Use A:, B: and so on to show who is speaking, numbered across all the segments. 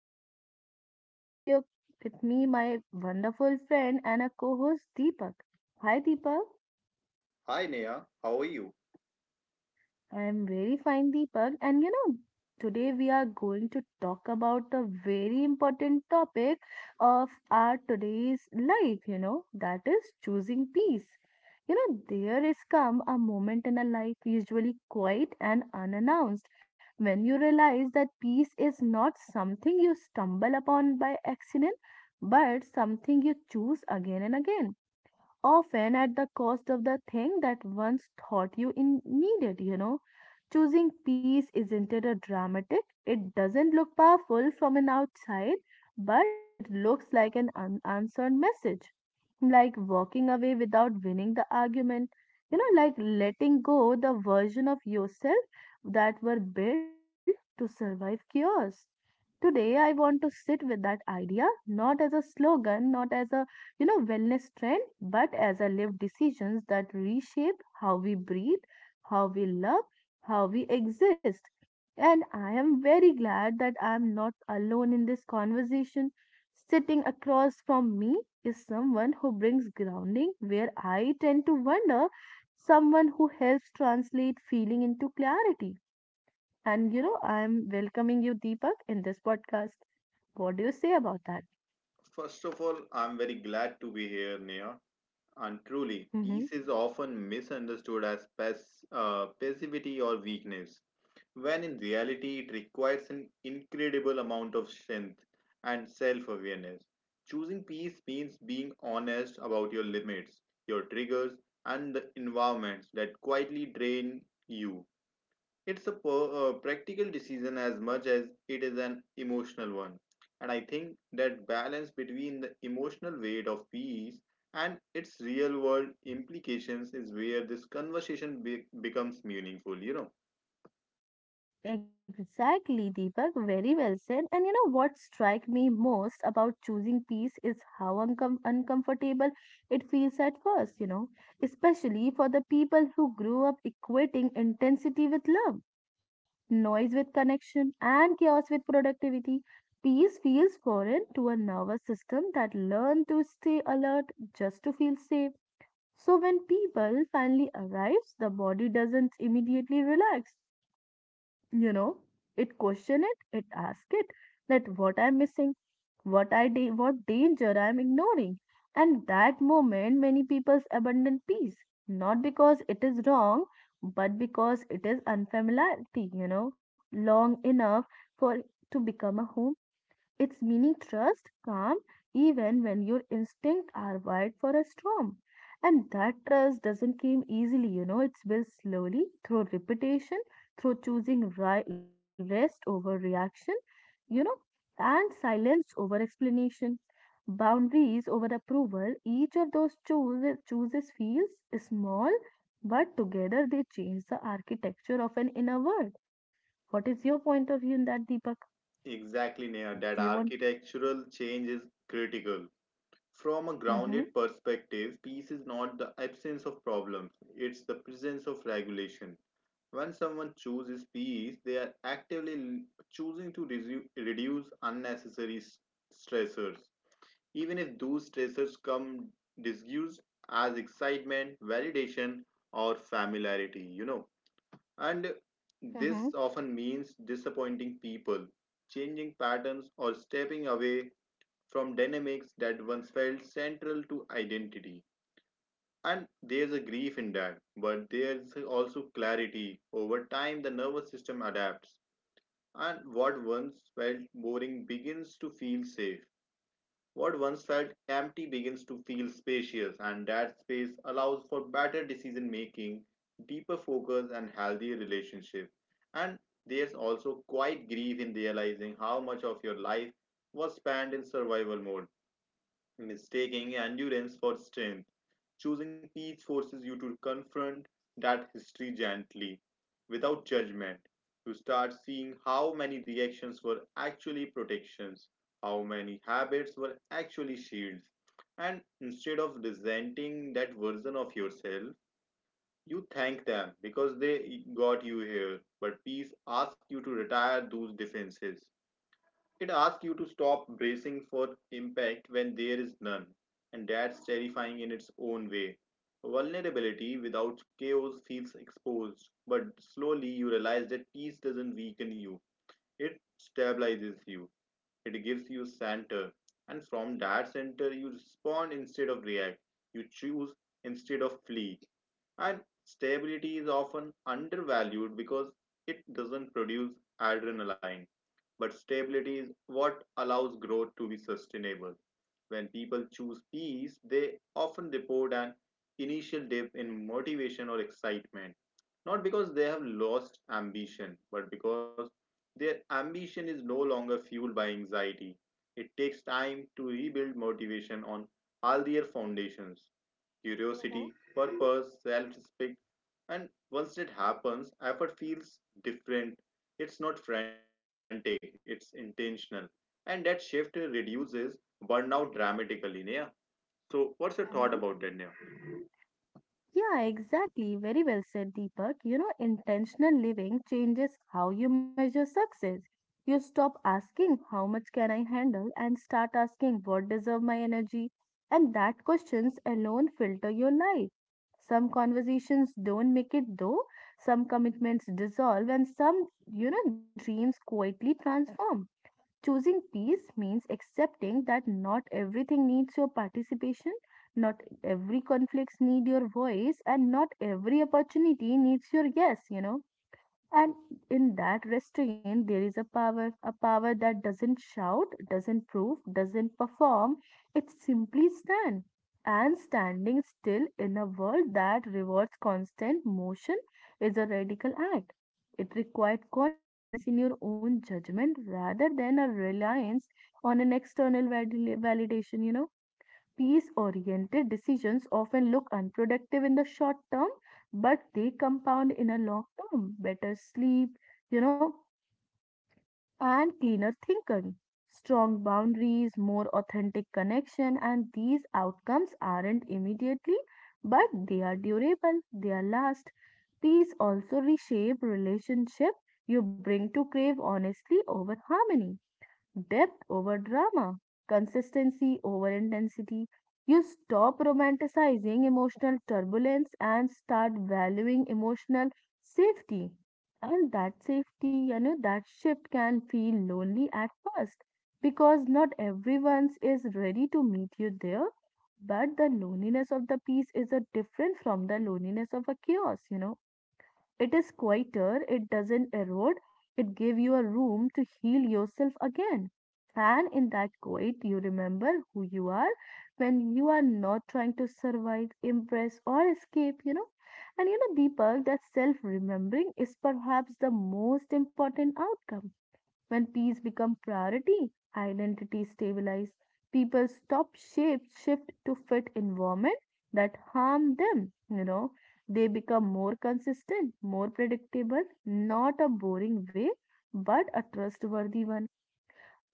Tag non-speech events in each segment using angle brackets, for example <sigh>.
A: your host Neha with me, my wonderful friend and a co-host, Deepak. Hi Deepak.
B: Hi Neha, how are you?
A: I'm very fine, Deepak. And today we are going to talk about a very important topic of our today's life, that is choosing peace. There is come a moment in a life, usually quiet and unannounced, when you realize that peace is not something you stumble upon by accident, but something you choose again and again often at the cost of the thing that once thought you needed. Choosing peace isn't it a dramatic? It doesn't look powerful from an outside, but it looks like an unanswered message. Like walking away without winning the argument, like letting go the version of yourself that were built to survive chaos. Today, I want to sit with that idea not as a slogan, not as a wellness trend, but as a lived decisions that reshape how we breathe, how we love, how we exist. And I am very glad that I am not alone in this conversation. Sitting across from me is someone who brings grounding where I tend to wonder, someone who helps translate feeling into clarity and I'm welcoming you, Deepak, in this podcast. What do you say about that?
B: First of all, I'm very glad to be here, Neha. And truly, peace
A: Mm-hmm.
B: is often misunderstood as passivity or weakness, when in reality, it requires an incredible amount of strength and self awareness. Choosing peace means being honest about your limits, your triggers, and the environments that quietly drain you. It's a practical decision as much as it is an emotional one. And I think that balance between the emotional weight of peace and its real world implications is where this conversation becomes meaningful, you know.
A: Exactly, Deepak. Very well said. And you know what strike me most about choosing peace is how uncomfortable it feels at first, especially for the people who grew up equating intensity with love, noise with connection, and chaos with productivity. Peace feels foreign to a nervous system that learned to stay alert just to feel safe. So when people finally arrives, the body doesn't immediately relax, you know. It question it, it asks it that what I'm missing, what what danger I'm ignoring. And that moment many people's abandon peace, not because it is wrong, but because it is unfamiliarity, long enough for it to become a home its meaning trust, calm, even when your instincts are wired for a storm. And that trust doesn't come easily, it's built slowly through repetition, through choosing rest over reaction, you know, and silence over explanation, boundaries over approval. Each of those chooses feels small, but together they change the architecture of an inner world. What is your point of view in that, Deepak?
B: Exactly, Neha, that
A: Do you want?
B: architectural change is critical. From a grounded
A: Hmm.
B: perspective, peace is not the absence of problems, it's the presence of regulation. When someone chooses peace, they are actively choosing to reduce unnecessary stressors, even if those stressors come disguised as excitement, validation, or familiarity, you know. And this
A: Mm-hmm.
B: often means disappointing people, changing patterns, or stepping away from dynamics that once felt central to identity. And there's a grief in that, but there's also clarity. Over time, the nervous system adapts, and what once felt boring begins to feel safe. What once felt empty begins to feel spacious, and that space allows for better decision making, deeper focus, and healthier relationship. And there's also quite grief in realizing how much of your life was spent in survival mode mistaking endurance for strength. Choosing peace forces you to confront that history gently, without judgment. You start seeing how many reactions were actually protections, how many habits were actually shields. And instead of resenting that version of yourself, you thank them because they got you here. But peace asks you to retire those defenses. It asks you to stop bracing for impact when there is none, and that's terrifying in its own way. Vulnerability without chaos feels exposed, but slowly you realize that peace doesn't weaken you, it stabilizes you. It gives you center, and from that center, you respond instead of react. You choose instead of flee. And stability is often undervalued because it doesn't produce adrenaline. But stability is what allows growth to be sustainable. When people choose peace, they often report an initial dip in motivation or excitement, not because they have lost ambition, but because their ambition is no longer fueled by anxiety. It takes time to rebuild motivation on healthier foundations:
A: Mm-hmm.
B: curiosity, purpose, self respect. And once it happens, effort feels different. It's not frantic, it's intentional. And that shift reduces burnout dramatically, Neha. So what's your thought about that, Neha?
A: Mm-hmm. Yeah, exactly. Very well said, Deepak. Intentional living changes how you measure success. You stop asking, how much can I handle, and start asking, what deserve my energy? And that questions alone filter your life. Some conversations don't make it though, some commitments dissolve, and some dreams quietly transform. Choosing peace means accepting that not everything needs your participation, not every conflicts need your voice, and not every opportunity needs your yes. And in that restraint, there is a power that doesn't shout, doesn't prove, doesn't perform. It simply stands. And standing still in a world that rewards constant motion is a radical act. It requires confidence in your own judgment rather than a reliance on an external validation. Peace oriented decisions often look unproductive in the short term, but they compound in a long term. Better sleep, you know, and cleaner thinking, strong boundaries, more authentic connection, and these outcomes aren't immediately, but they are durable, they are last. Peace also reshape relationship you bring to crave honestly over harmony, depth over drama, consistency over intensity. You stop romanticizing emotional turbulence and start valuing emotional safety. And that safety, that shift can feel lonely at first because not everyone is ready to meet you there. But the loneliness of the peace is a different from the loneliness of a chaos. It is quieter, it doesn't erode, it gives you a room to heal yourself again. And in that quiet, you remember who you are when you are not trying to survive, impress, or escape. And Deepak, that self remembering is perhaps the most important outcome when peace becomes priority, identity stabilizes. People stop shape shift to fit environment that harm them. They become more consistent, more predictable, not a boring way, but a trustworthy one.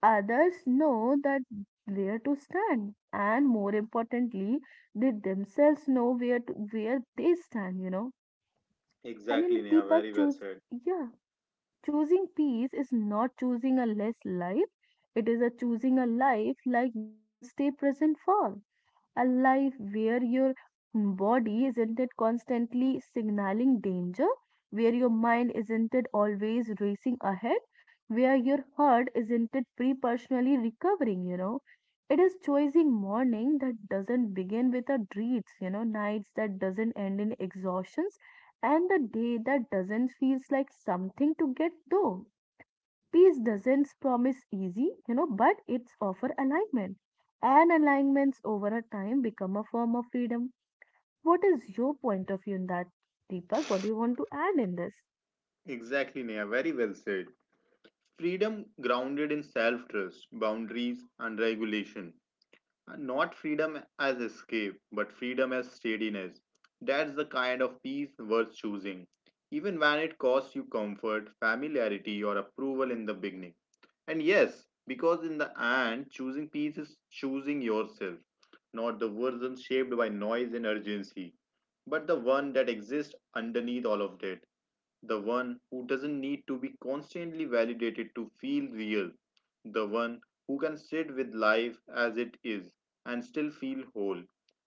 A: Others know that where to stand, and more importantly, they themselves know where they stand. You know, and
B: Exactly,
A: in
B: Neha.
A: Deepak
B: Very well
A: choose
B: said.
A: yeah Choosing peace is not choosing a less life, it is a choosing a life like you can stay present for a life where your body isn't it constantly signaling danger, where your mind isn't it always racing ahead, where your heart isn't it pre-personally recovering. It is choosing morning that doesn't begin with a dreams, nights that doesn't end in exhaustions, and the day that doesn't feels like something to get through. Peace doesn't promise easy, but it's offer alignment. And alignments over a time become a form of freedom. What is your point of view in that, Deepak? What do you want to add in this?
B: Exactly, Neha. Very well said. Freedom grounded in self trust, boundaries, and regulation. And not freedom as escape, but freedom as steadiness. That's the kind of peace worth choosing, even when it costs you comfort, familiarity, or approval in the beginning. And yes, because in the end, choosing peace is choosing yourself, not the version shaped by noise and urgency, but the one that exists underneath all of that, the one who doesn't need to be constantly validated to feel real. The one who can sit with life as it is and still feel whole.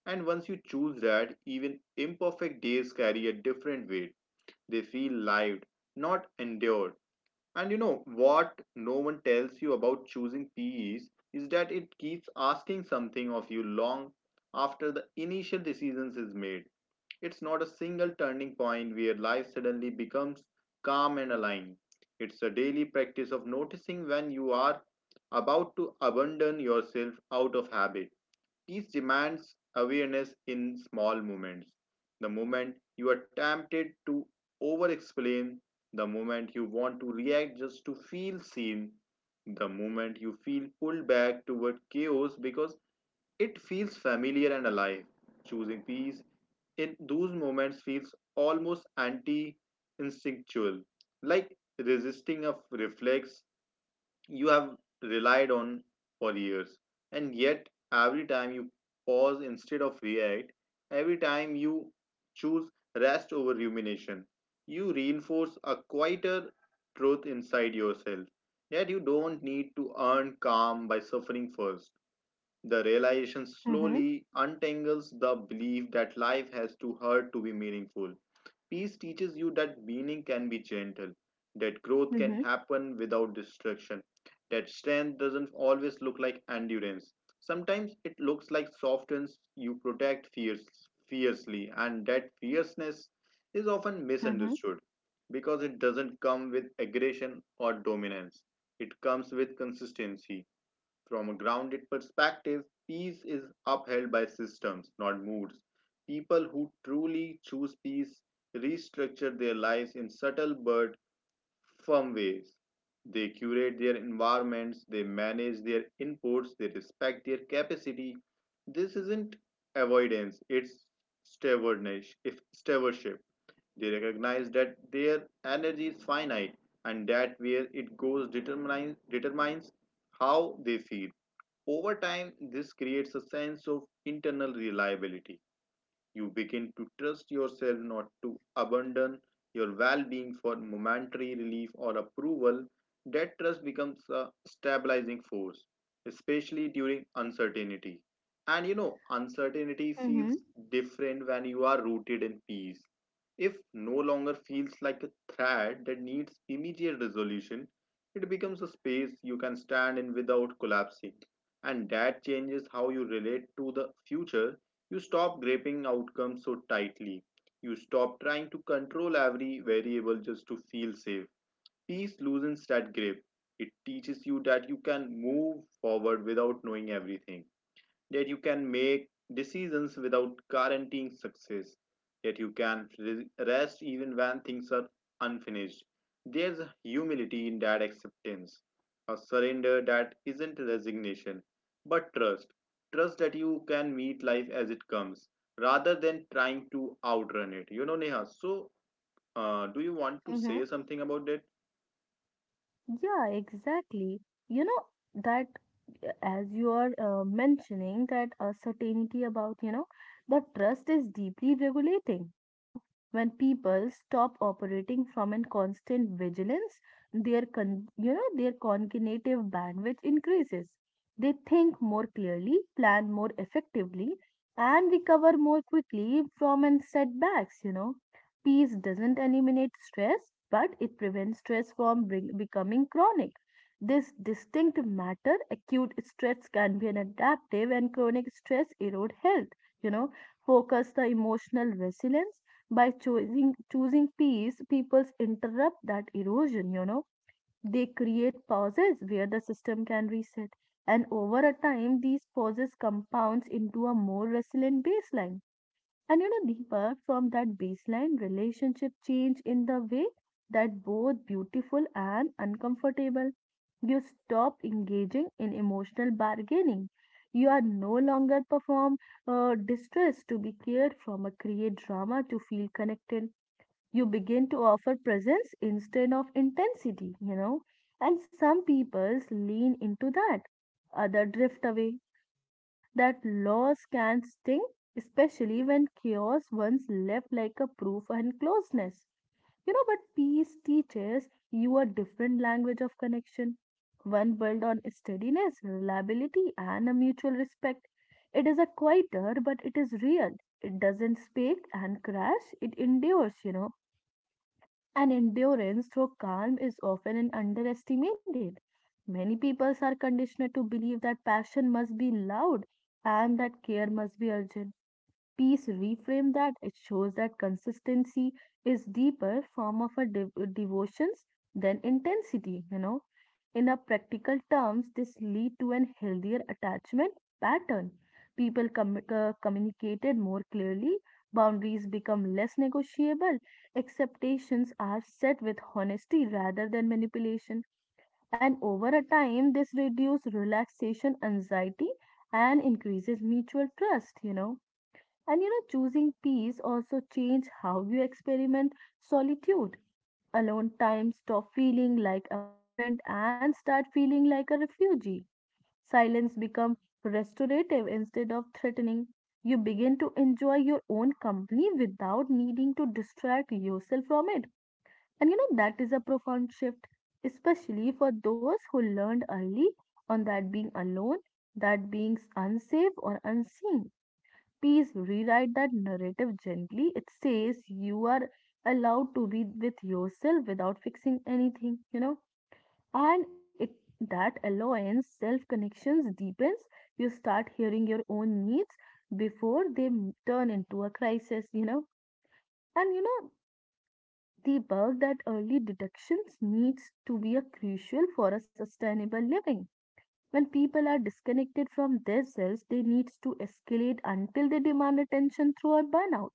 B: And once you choose that, even imperfect days carry a different weight. They feel lived, not endured. And you know what no one tells you about choosing PEs is that it keeps asking something of you long after the initial decisions is made. It's not a single turning point where life suddenly becomes calm and aligned. It's a daily practice of noticing when you are about to abandon yourself out of habit. Peace demands awareness in small moments. The moment you are tempted to over explain, the moment you want to react just to feel seen, the moment you feel pulled back toward chaos because it feels familiar and alive. Choosing peace in those moments feels almost anti instinctual, like resisting a reflex you have relied on for years. And yet, every time you pause instead of react, every time you choose rest over rumination, you reinforce a quieter truth inside yourself, that you don't need to earn calm by suffering first. The realization
A: Mm-hmm,
B: slowly untangles the belief that life has to hurt to be meaningful. Peace teaches you that meaning can be gentle, that growth can
A: mm-hmm,
B: happen without destruction, that strength doesn't always look like endurance. Sometimes it looks like softens you protect fiercely, and that fierceness is often
A: mm-hmm,
B: misunderstood because it doesn't come with aggression or dominance. It comes with consistency. From a grounded perspective, peace is upheld by systems, not moods. People who truly choose peace restructure their lives in subtle but firm ways. They curate their environments, they manage their inputs, they respect their capacity. This isn't avoidance, it's stewardship. They recognize that their energy is finite and that where it goes determines how they feel. Over time, this creates a sense of internal reliability. You begin to trust yourself not to abandon your well being for momentary relief or approval. That trust becomes a stabilizing force, especially during uncertainty. And you know, uncertainty
A: mm-hmm,
B: feels different when you are rooted in peace. If no longer feels like a threat that needs immediate resolution, it becomes a space you can stand in without collapsing, and that changes how you relate to the future. You stop gripping outcomes so tightly. You stop trying to control every variable just to feel safe. Peace loosens that grip. It teaches you that you can move forward without knowing everything, that you can make decisions without guaranteeing success, that you can rest even when things are unfinished. There's a humility in that acceptance, a surrender that isn't resignation, but trust. Trust that you can meet life as it comes rather than trying to outrun it. You know, Neha, so do you want to
A: mm-hmm.
B: say something about that?
A: Yeah, exactly. You know that as you are mentioning that certainty about the trust is deeply regulating. When people stop operating from a constant vigilance, their con you know, their cognitive bandwidth increases. They think more clearly, plan more effectively, and recover more quickly from an setbacks. Peace doesn't eliminate stress, but it prevents stress from becoming chronic. This distinct matter, acute stress can be an adaptive and chronic stress erode health. You know, focus the emotional resilience by choosing peace. People interrupt that erosion. They create pauses where the system can reset, and over a time, these pauses compounds into a more resilient baseline and Deepak, from that baseline, relationship change in the way that both beautiful and uncomfortable. You stop engaging in emotional bargaining. You are no longer perform distress to be cared from, a create drama to feel connected you begin to offer presence instead of intensity. And some people lean into that, other drift away. You know, that loss can sting, especially when chaos once left like a proof and closeness. But peace teaches you a different language of connection, one built on steadiness, reliability, and a mutual respect. It is a quieter, but it is real. It doesn't speak and crash, it endures. And endurance through calm is often an underestimated. Many people are conditioned to believe that passion must be loud and that care must be urgent. Piece reframe that it shows that consistency is deeper form of a devotions than intensity. In a practical terms this lead to an healthier attachment pattern. People communicated more clearly. Boundaries become less negotiable. Expectations are set with honesty rather than manipulation. And over a time this reduces relaxation anxiety and increases mutual trust, and choosing peace also change how you experiment solitude. Alone time stop feeling like abandonment and start feeling like a refugee. Silence become restorative instead of threatening. You begin to enjoy your own company without needing to distract yourself from it. And that is a profound shift, especially for those who learned early on that being alone, that being unsafe or unseen. Please rewrite that narrative gently. It says you are allowed to be with yourself without fixing anything. And that allowance, self connections deepens. You start hearing your own needs before they turn into a crisis. And you know, the work that early detections needs to be a crucial for a sustainable living when people are disconnected from themselves, they needs to escalate until they demand attention through a burnout,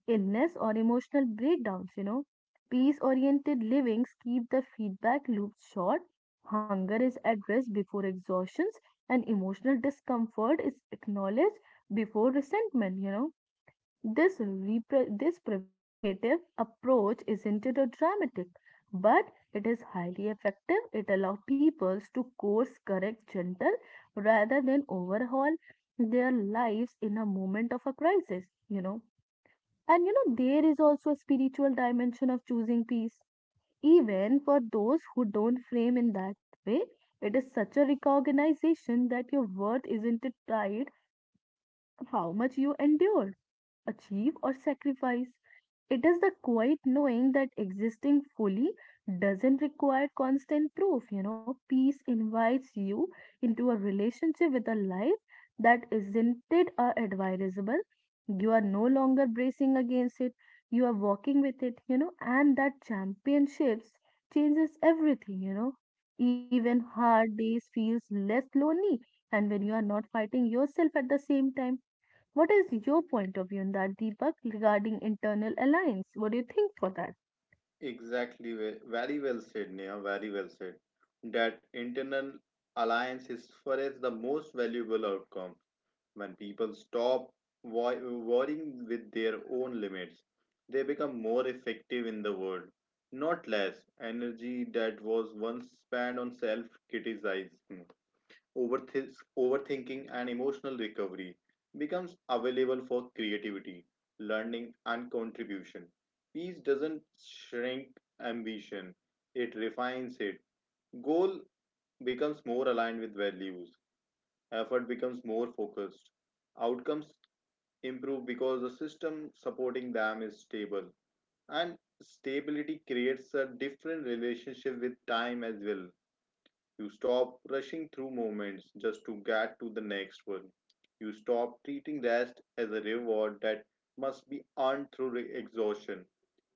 A: illness, or emotional breakdowns. Peace oriented livings keep the feedback loop short. Hunger is addressed before exhaustions, and emotional discomfort is acknowledged before resentment. This preventative approach isn't it a dramatic, but it is highly effective. It allows people to course correct gentle rather than overhaul their lives in a moment of a crisis, you know. And there is also a spiritual dimension of choosing peace. Even for those who don't frame in that way, it is such a recognition that your worth isn't tied to how much you endure, achieve, or sacrifice. It is the quiet knowing that existing fully doesn't require constant proof. Peace invites you into a relationship with a life that isn't it advisable. You are no longer bracing against it. You are walking with it. And that championships changes everything. You know, even hard days feels less lonely, and when you are not fighting yourself at the same time what is your point of view on that, Deepak, regarding internal alliance? What do you think for that?
B: Exactly, very well said, Neha. Very well said. That internal alliance is for us the most valuable outcome. When people stop worrying with their own limits, they become more effective in the world, not less. Energy that was once spent on self criticism, Overthis overthinking and emotional recovery, becomes available for creativity, learning, and contribution. Peace doesn't shrink ambition, it refines it. Goal becomes more aligned with values, effort becomes more focused, outcomes improve because the system supporting them is stable, and stability creates a different relationship with time as well. You stop rushing through moments just to get to the next one. You stop treating rest as a reward that must be earned through exhaustion.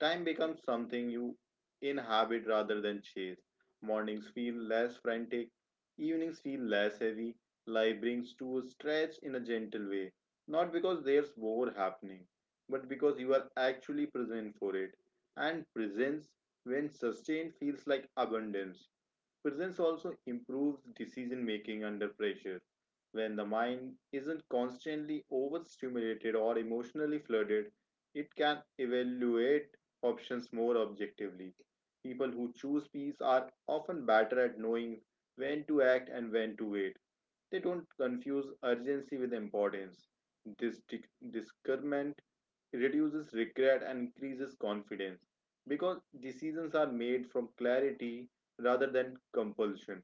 B: Time becomes something you inhabit rather than chase. Mornings feel less frantic, evenings feel less heavy. Life brings to a stretch in a gentle way, not because there's more happening, but because you are actually present for it. And presence, when sustained, feels like abundance. Presence also improves decision making under pressure. When the mind isn't constantly overstimulated or emotionally flooded, it can evaluate options more objectively. People who choose peace are often better at knowing when to act and when to wait. They don't confuse urgency with importance. This discernment reduces regret and increases confidence because decisions are made from clarity rather than compulsion.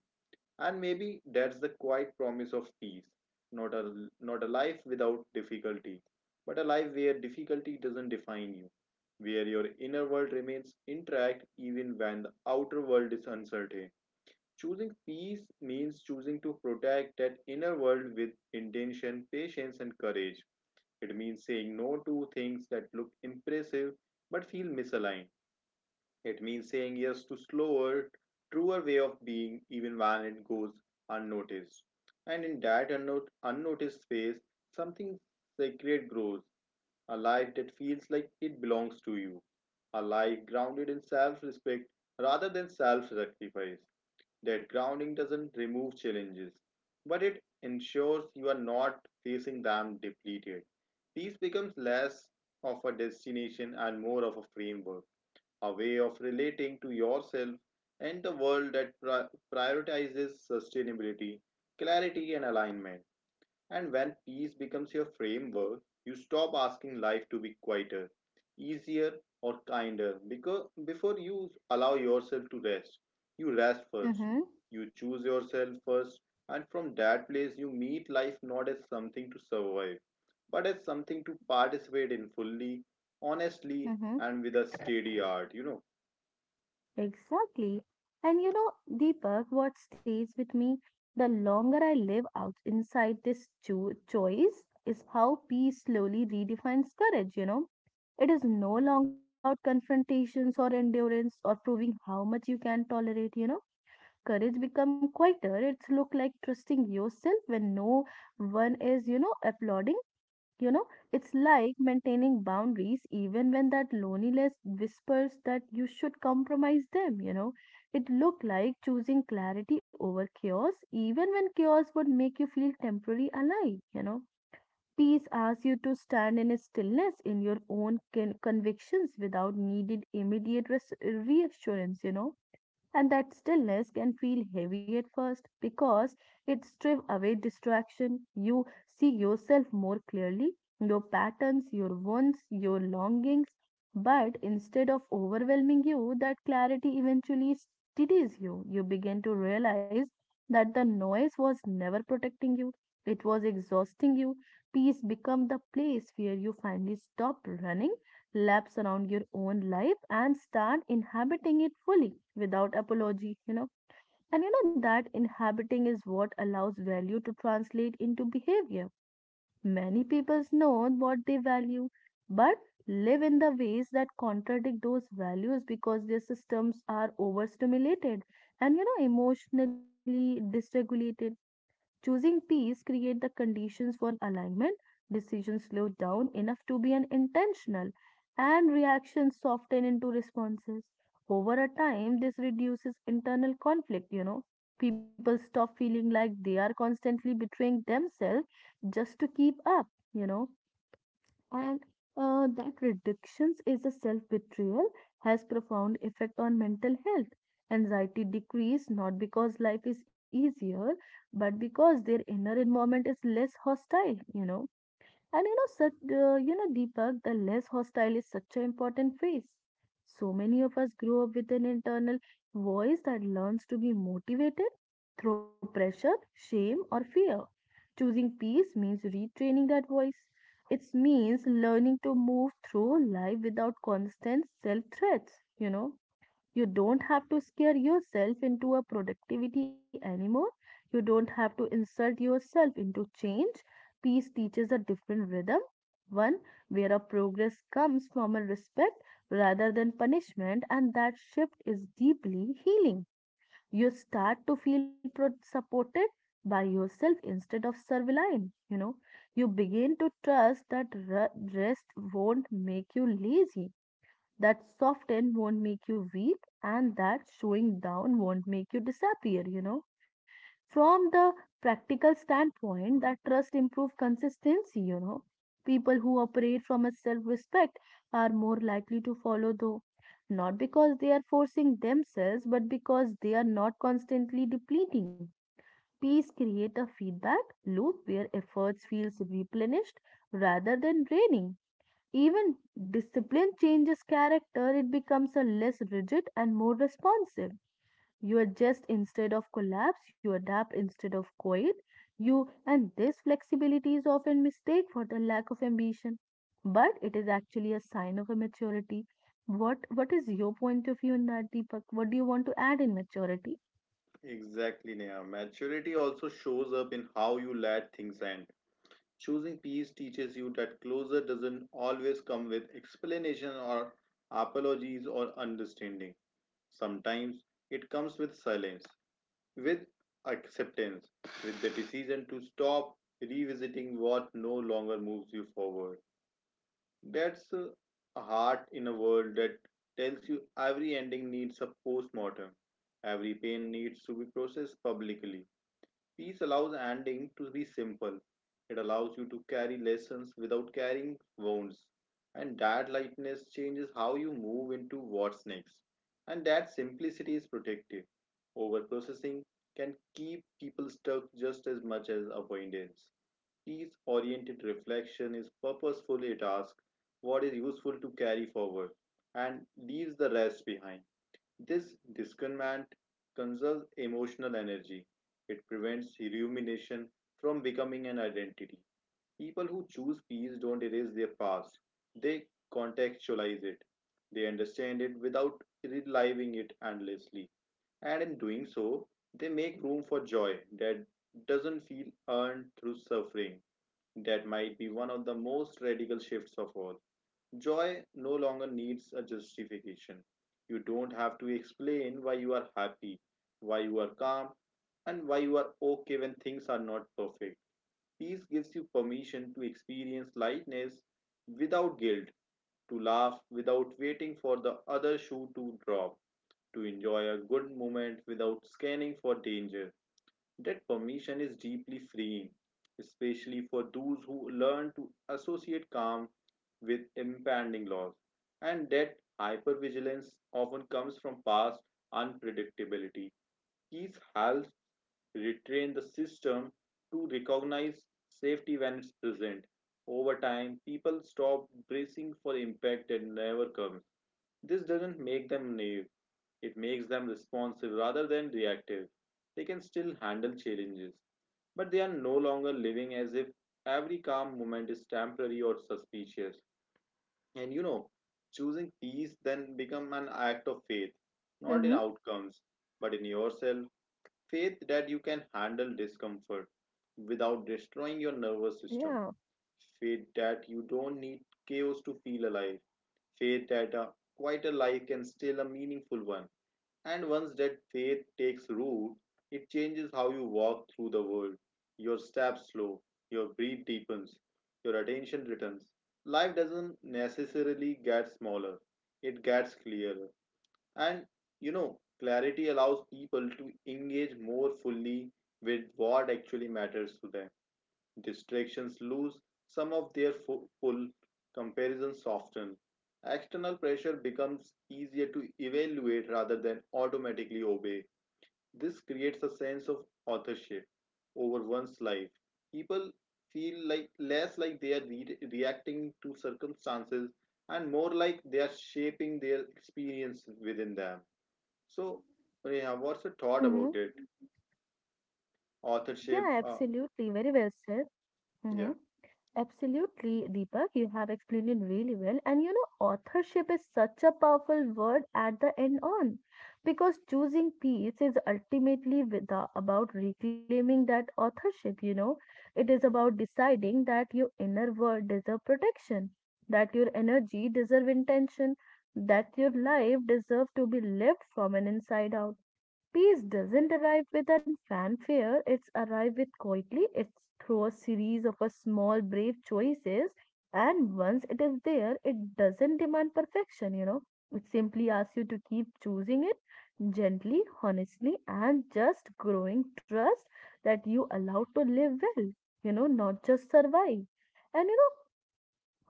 B: And maybe that's the quiet promise of peace. Not a, not a life without difficulty, but a life where difficulty doesn't define you, where your inner world remains intact even when the outer world is uncertain. Choosing peace means choosing to protect that inner world with intention, patience, and courage. It means saying no to things that look impressive but feel misaligned. It means saying yes to slower, truer way of being even when it goes unnoticed. And in that unnoticed space, something sacred grows, a life that feels like it belongs to you, a life grounded in self respect rather than self sacrifice. That grounding doesn't remove challenges, but it ensures you are not facing them depleted. Peace becomes less of a destination and more of a framework, a way of relating to yourself and the world that prioritizes sustainability, clarity, and alignment. And when peace becomes your framework, you stop asking life to be quieter, easier, or kinder because before you allow yourself to rest, you rest first.
A: Mm-hmm.
B: You choose yourself first, and from that place, you meet life not as something to survive, but as something to participate in fully, honestly,
A: Mm-hmm.
B: and with a steady heart. You know,
A: Exactly. And you know, Deepak, what stays with me the longer I live out inside this choice is how peace slowly redefines courage, you know. It is no longer about confrontations or endurance or proving how much you can tolerate, you know. Courage become quieter. It's look like trusting yourself when no one is, you know, applauding. You know, it's like maintaining boundaries even when that loneliness whispers that you should compromise them, you know. It looked like choosing clarity over chaos, even when chaos would make you feel temporarily alive, you know. Peace asks you to stand in stillness in your own convictions without needed immediate reassurance, you know, and that stillness can feel heavy at first because it strips away distraction. You see yourself more clearly, your patterns, your wants, your longings. But instead of overwhelming you, that clarity eventually steadies you. You begin to realize that the noise was never protecting you, it was exhausting you. Peace becomes the place where you finally stop running laps around your own life and start inhabiting it fully without apology, you know. And you know that inhabiting is what allows value to translate into behavior. Many people know what they value, but live in the ways that contradict those values because their systems are overstimulated and you know emotionally dysregulated. Choosing peace create the conditions for alignment. Decisions slow down enough to be an intentional, and reactions soften into responses. Over a time, this reduces internal conflict, you know. People stop feeling like they are constantly betraying themselves just to keep up, you know, and that reductions is a self-betrayal has profound effect on mental health, anxiety decrease not because life is easier but because their inner environment is less hostile, you know. And you know, such, you know, Deepak, the less hostile is such an important phase. So many of us grow up with an internal voice that learns to be motivated through pressure, shame, or fear. Choosing peace means retraining that voice. It means learning to move through life without constant self threats, you know. You don't have to scare yourself into a productivity anymore. You don't have to insult yourself into change. Peace teaches a different rhythm, one where a progress comes from a respect rather than punishment, and that shift is deeply healing. You start to feel supported by yourself instead of servile, you know. You begin to trust that rest won't make you lazy, that soft end won't make you weak, and that showing down won't make you disappear, you know, from the practical standpoint that trust improves consistency, you know. People who operate from a self respect are more likely to follow though, not because they are forcing themselves but because they are not constantly depleting. Peace create a feedback loop where efforts feels replenished rather than draining. Even discipline changes character, it becomes a less rigid and more responsive. You adjust instead of collapse, you adapt instead of quit. You and this flexibility is often mistaken for the lack of ambition, but it is actually a sign of a maturity. What is your point of view in that, Deepak? What do you want to add in maturity?
B: exactly, Neha. Maturity also shows up in how you let things end. Choosing peace teaches you that closure doesn't always come with explanation or apologies or understanding. Sometimes it comes with silence, with acceptance, with the decision to stop revisiting what no longer moves you forward. That's a heart in a world that tells you every ending needs a postmortem. Every pain needs to be processed publicly. Peace allows ending to be simple. It allows you to carry lessons without carrying wounds. And that lightness changes how you move into what's next. And that simplicity is protective. Overprocessing can keep people stuck just as much as avoidance. Peace oriented reflection is purposeful, it asks what is useful to carry forward and leaves the rest behind. This discernment conserves emotional energy. It prevents rumination from becoming an identity. People who choose peace don't erase their past, they contextualize it. They understand it without reliving it endlessly. And in doing so, they make room for joy that doesn't feel earned through suffering. That might be one of the most radical shifts of all. Joy no longer needs a justification. You don't have to explain why you are happy, why you are calm, and why you are okay when things are not perfect. Peace gives you permission to experience lightness without guilt, to laugh without waiting for the other shoe to drop, to enjoy a good moment without scanning for danger. That permission is deeply freeing, especially for those who learn to associate calm with impending loss. And that hypervigilance often comes from past unpredictability. Keys helps retrain the system to recognize safety when it's present. Over time, people stop bracing for impact that never comes. This doesn't make them naive, it makes them responsive rather than reactive. They can still handle challenges, but they are no longer living as if every calm moment is temporary or suspicious. And you know, choosing peace then become an act of faith, not in
A: Mm-hmm.
B: outcomes, but in yourself. Faith that you can handle discomfort without destroying your nervous
A: Yeah.
B: system. Faith that you don't need chaos to feel alive. Faith that a quieter life can still a meaningful one. And once that faith takes root, it changes how you walk through the world. Your steps slow, your breath deepens, your attention returns. Life doesn't necessarily get smaller, it gets clearer. And you know, clarity allows people to engage more fully with what actually matters to them. Distractions lose some of their pull, comparisons soften. External pressure becomes easier to evaluate rather than automatically obey. This creates a sense of authorship over one's life. People feel like less like they are reacting to circumstances and more like they are shaping their experience within them. So, Neha, what's your thought
A: Mm-hmm.
B: about it?
A: Yeah,
B: Authorship,
A: absolutely. Very well said. Mm-hmm.
B: yeah,
A: Absolutely, Deepak, you have explained it really well. And you know, authorship is such a powerful word at the end on because choosing peace is ultimately with the, about reclaiming that authorship, you know. It is about deciding that your inner world deserve protection, that your energy deserve intention, that your life deserve to be lived from an inside out. Peace doesn't arrive with an fanfare, it's arrived with quietly, it's through a series of a small brave choices, and once it is there, it doesn't demand perfection, you know. It simply asks you to keep choosing it gently, honestly, and just growing trust that you allow to live well, you know, not just survive. And you know,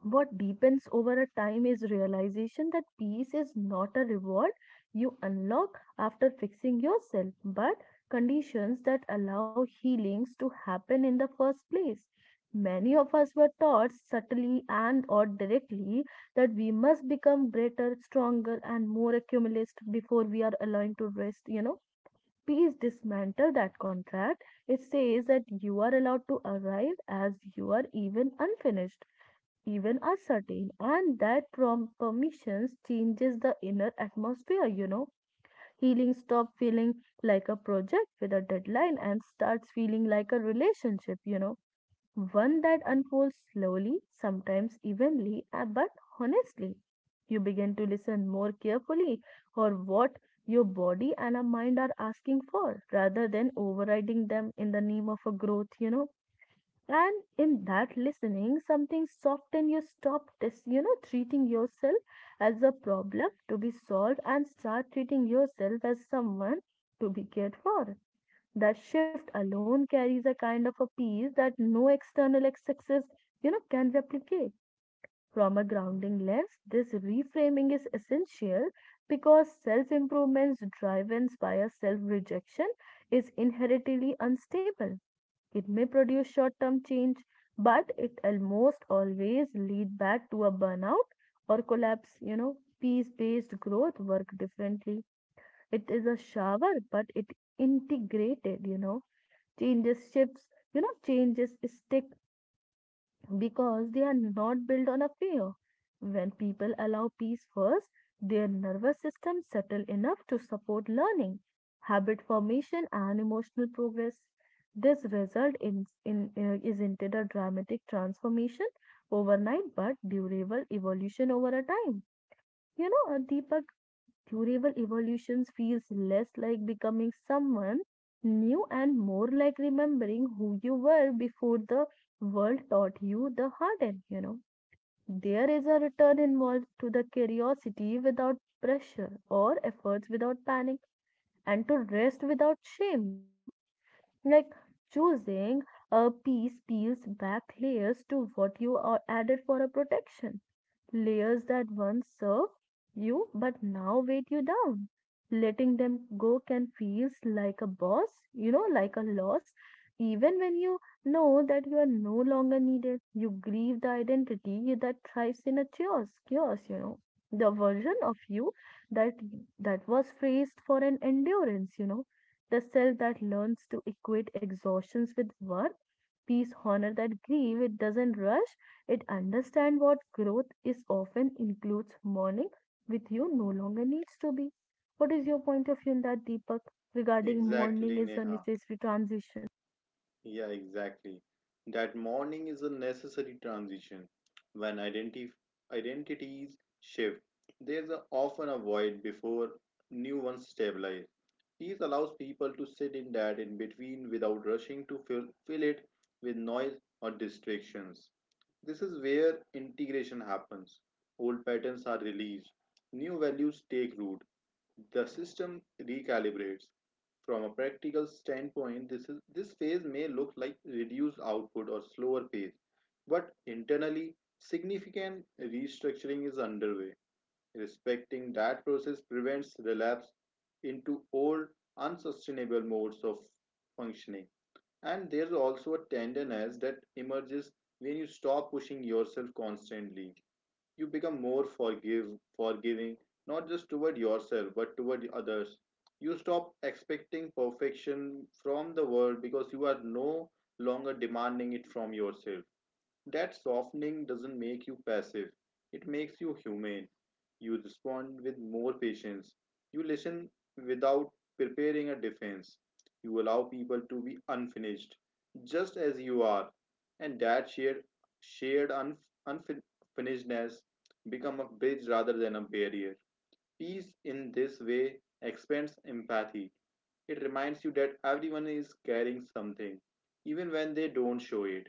A: what deepens over a time is realization that peace is not a reward you unlock after fixing yourself, but conditions that allow healings to happen in the first place. Many of us were taught subtly and or directly that we must become greater, stronger, and more accumulist before we are allowed to rest. You know, peace dismantle that contract. It says that you are allowed to arrive as you are, even unfinished, even uncertain, and that permissions changes the inner atmosphere, you know. Healing stop feeling like a project with a deadline and starts feeling like a relationship, you know, one that unfolds slowly, sometimes evenly, but honestly. You begin to listen more carefully for what your body and a mind are asking for rather than overriding them in the name of a growth, you know, and in that listening, something soften. You stop this, you know, treating yourself as a problem to be solved and start treating yourself as someone to be cared for. That shift alone carries a kind of a peace that no external success, you know, can replicate. From a grounding lens, this reframing is essential because self improvements driven by a self rejection is inherently unstable. It may produce short term change, but it almost always lead back to a burnout or collapse. You know, peace based growth work differently. It is a shower, but it integrated, you know, changes shifts, you know, changes stick because they are not built on a fear. When people allow peace first, their nervous system settle enough to support learning, habit formation, and emotional progress. This result in, isn't it a dramatic transformation overnight, but durable evolution over a time. You know, Deepak, durable evolutions feels less like becoming someone new and more like remembering who you were before the world taught you the harden, you know. There is a return involved to the curiosity without pressure or efforts without panic and to rest without shame, you know. Like choosing a piece peels back layers to what you are added for a protection, layers that once served you but now weight you down. Letting them go can feels like a boss, you know, like a loss. Even when you know that you are no longer needed, you grieve the identity that thrives in a chaos, you know. The version of you that that was phrased for an endurance, you know. The self that learns to equate exhaustions with worth, peace, honor that grieve, it doesn't rush, it understands what growth is often includes mourning with you no longer needs to be. What is your point of view in that, Deepak, regarding mourning
B: exactly,
A: is a
B: Neha.
A: necessary transition?
B: Yeah, exactly. That mourning is a necessary transition. When identity identities shift, there's a, often a void before new ones stabilize. These allows people to sit in that in between without rushing to fill it with noise or distractions. This is where integration happens. Old patterns are released, new values take root, the system recalibrates. From a practical standpoint, this phase may look like reduced output or slower pace, but internally, significant restructuring is underway. Respecting that process prevents relapse into old, unsustainable modes of functioning. And there's also a tenderness that emerges when you stop pushing yourself constantly. You become forgiving, not just toward yourself, but toward others. You stop expecting perfection from the world because you are no longer demanding it from yourself. That softening doesn't make you passive, it makes you humane. You respond with more patience. You listen without preparing a defense. You allow people to be unfinished, just as you are. And that shared unfinishedness become a bridge rather than a barrier. Peace in this way expands empathy. It reminds you that everyone is carrying something, even when they don't show it.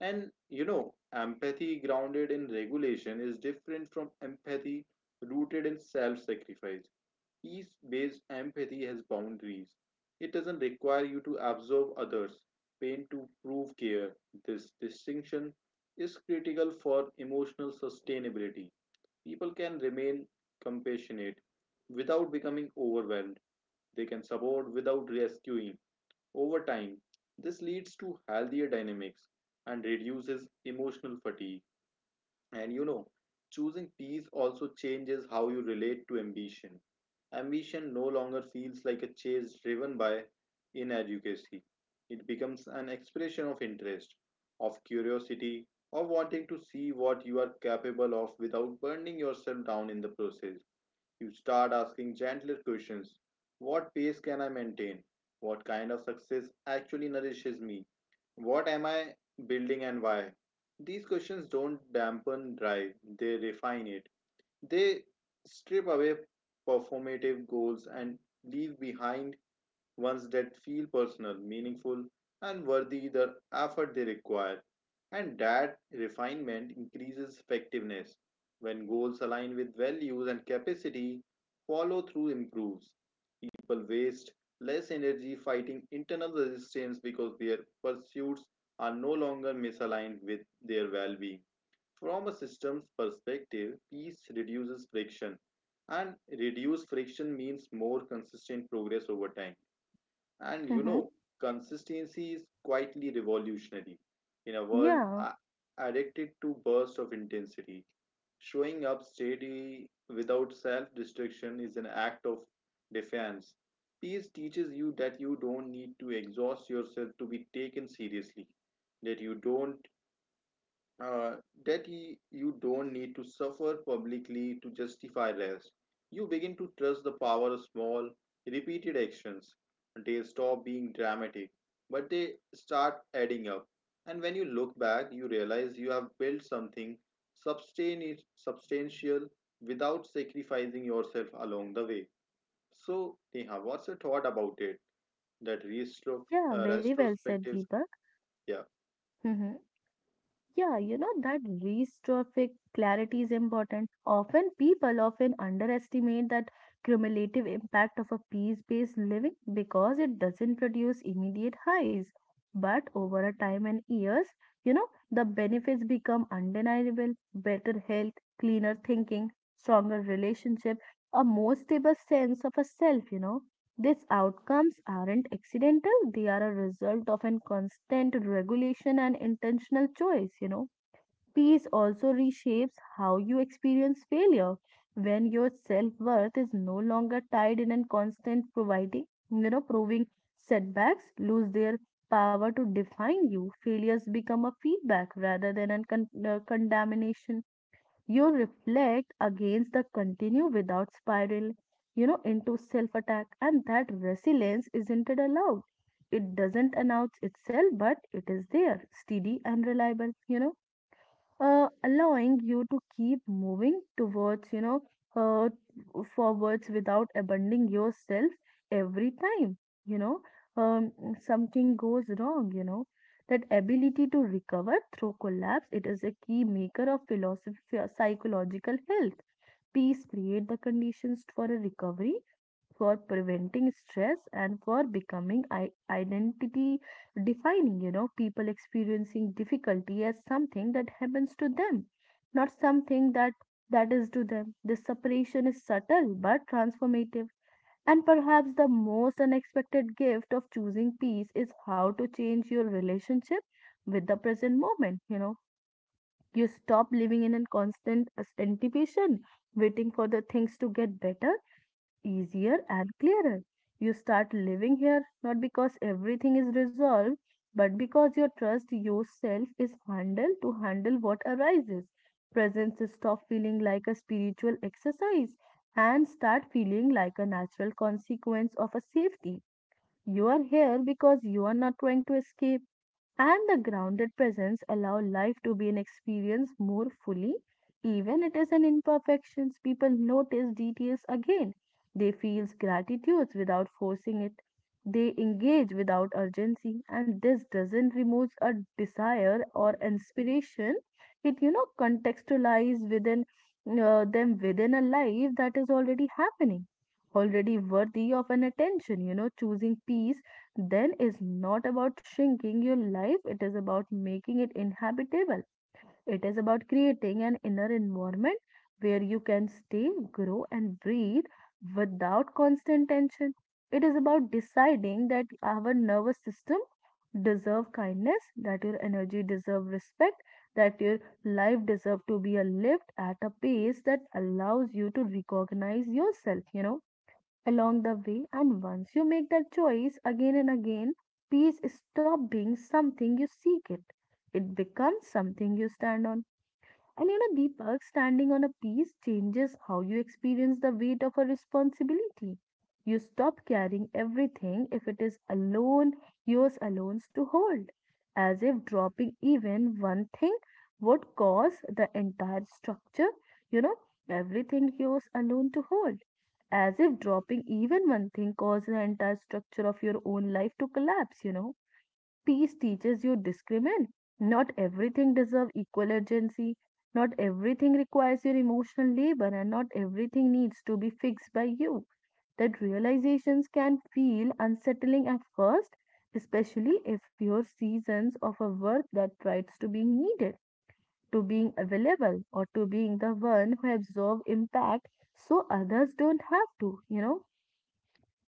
B: And you know, empathy grounded in regulation is different from empathy rooted in self sacrifice. Peace based empathy has boundaries. It doesn't require you to absorb others, pain to prove care. This distinction is critical for emotional sustainability. People can remain compassionate without becoming overwhelmed, they can support without rescuing over time, this leads to healthier dynamics and reduces emotional fatigue. And you know, choosing peace also changes how you relate to ambition. Ambition no longer feels like a chase driven by inadequacy. It becomes an expression of interest, of curiosity, of wanting to see what you are capable of without burning yourself down in the process. You start asking gentler questions. What pace can I maintain? What kind of success actually nourishes me? What am I building and why? These questions don't dampen drive, they refine it. They strip away performative goals and leave behind ones that feel personal, meaningful, and worthy the effort they require. And that refinement increases effectiveness. When goals align with values and capacity, follow through improves. People waste less energy fighting internal resistance because their pursuits are no longer misaligned with their well being. From a systems perspective, peace reduces friction, and reduced friction means more consistent progress over time. And you
A: Mm-hmm.
B: know, consistency is quietly revolutionary in a world
A: Yeah,
B: addicted to bursts of intensity. Showing up steady without self destruction is an act of defiance. Peace teaches you that you don't need to exhaust yourself to be taken seriously, that uh, you don't need to suffer publicly to justify rest. You begin to trust the power of small, repeated actions. They stop being dramatic, but they start adding up. And when you look back, you realize you have built something substantial without sacrificing yourself along the way. So, Neha, what's your thought about it? That
A: yeah, very well said,
B: retrospective,
A: Deepak.
B: yeah.
A: Mm-hmm. Yeah, you know that restrophic clarity is important. Often people often underestimate that cumulative impact of a peace-based living because it doesn't produce immediate highs. But over a time and years, you know, the benefits become undeniable. Better health, cleaner thinking, stronger relationship, a more stable sense of a self, you know. These outcomes aren't accidental, they are a result of an constant regulation and intentional choice, you know. Peace also reshapes how you experience failure when your self worth is no longer tied in a constant providing, you know, proving setbacks lose their power to define you. Failures become a feedback rather than a condemnation. You reflect against the continue without spiral, you know, into self attack, and that resilience isn't it allowed. It doesn't announce itself, but it is there, steady and reliable, you know, allowing you to keep moving towards, you know, uh, forwards without abandoning yourself every time, you know, um, something goes wrong, you know. That ability to recover through collapse, it is a key maker of philosophy, psychological health. Peace create the conditions for a recovery, for preventing stress, and for becoming identity defining. You know, people experiencing difficulty as something that happens to them, not something that is to them. This separation is subtle but transformative. And perhaps the most unexpected gift of choosing peace is how to change your relationship with the present moment. You know, you stop living in a constant anticipation, waiting for the things to get better, easier, and clearer. You start living here not because everything is resolved, but because your trust yourself is handled to handle what arises. Presence stop feeling like a spiritual exercise and start feeling like a natural consequence of a safety. You are here because you are not trying to escape, and the grounded presence allow life to be an experience more fully even it is an imperfections. People notice details again, they feel gratitude without forcing it, they engage without urgency, and this doesn't remove a desire or inspiration. It contextualize within them within a life that is already happening, already worthy of an attention. Choosing peace then is not about shrinking your life, it is about making it inhabitable. It is about creating an inner environment where you can stay, grow, and breathe without constant tension. It is about deciding that our nervous system deserve kindness, that your energy deserve respect, that your life deserve to be lived at a pace that allows you to recognize yourself along the way. And once you make that choice again and again, peace stops being something you seek it. It becomes something you stand on. And you know, Deepak, standing on a peace changes how you experience the weight of a responsibility. You stop carrying everything if it is alone, yours alone to hold, as if dropping even one thing would cause the entire structure, you know, everything yours alone to hold as if dropping even one thing causes the entire structure of your own life to collapse. Peace teaches you discriminate. Not everything deserves equal urgency. Not everything requires your emotional labor, and not everything needs to be fixed by you. That realizations can feel unsettling at first, especially if your seasons of a work that tries to being needed, to being available, or to being the one who absorb impact so others don't have to.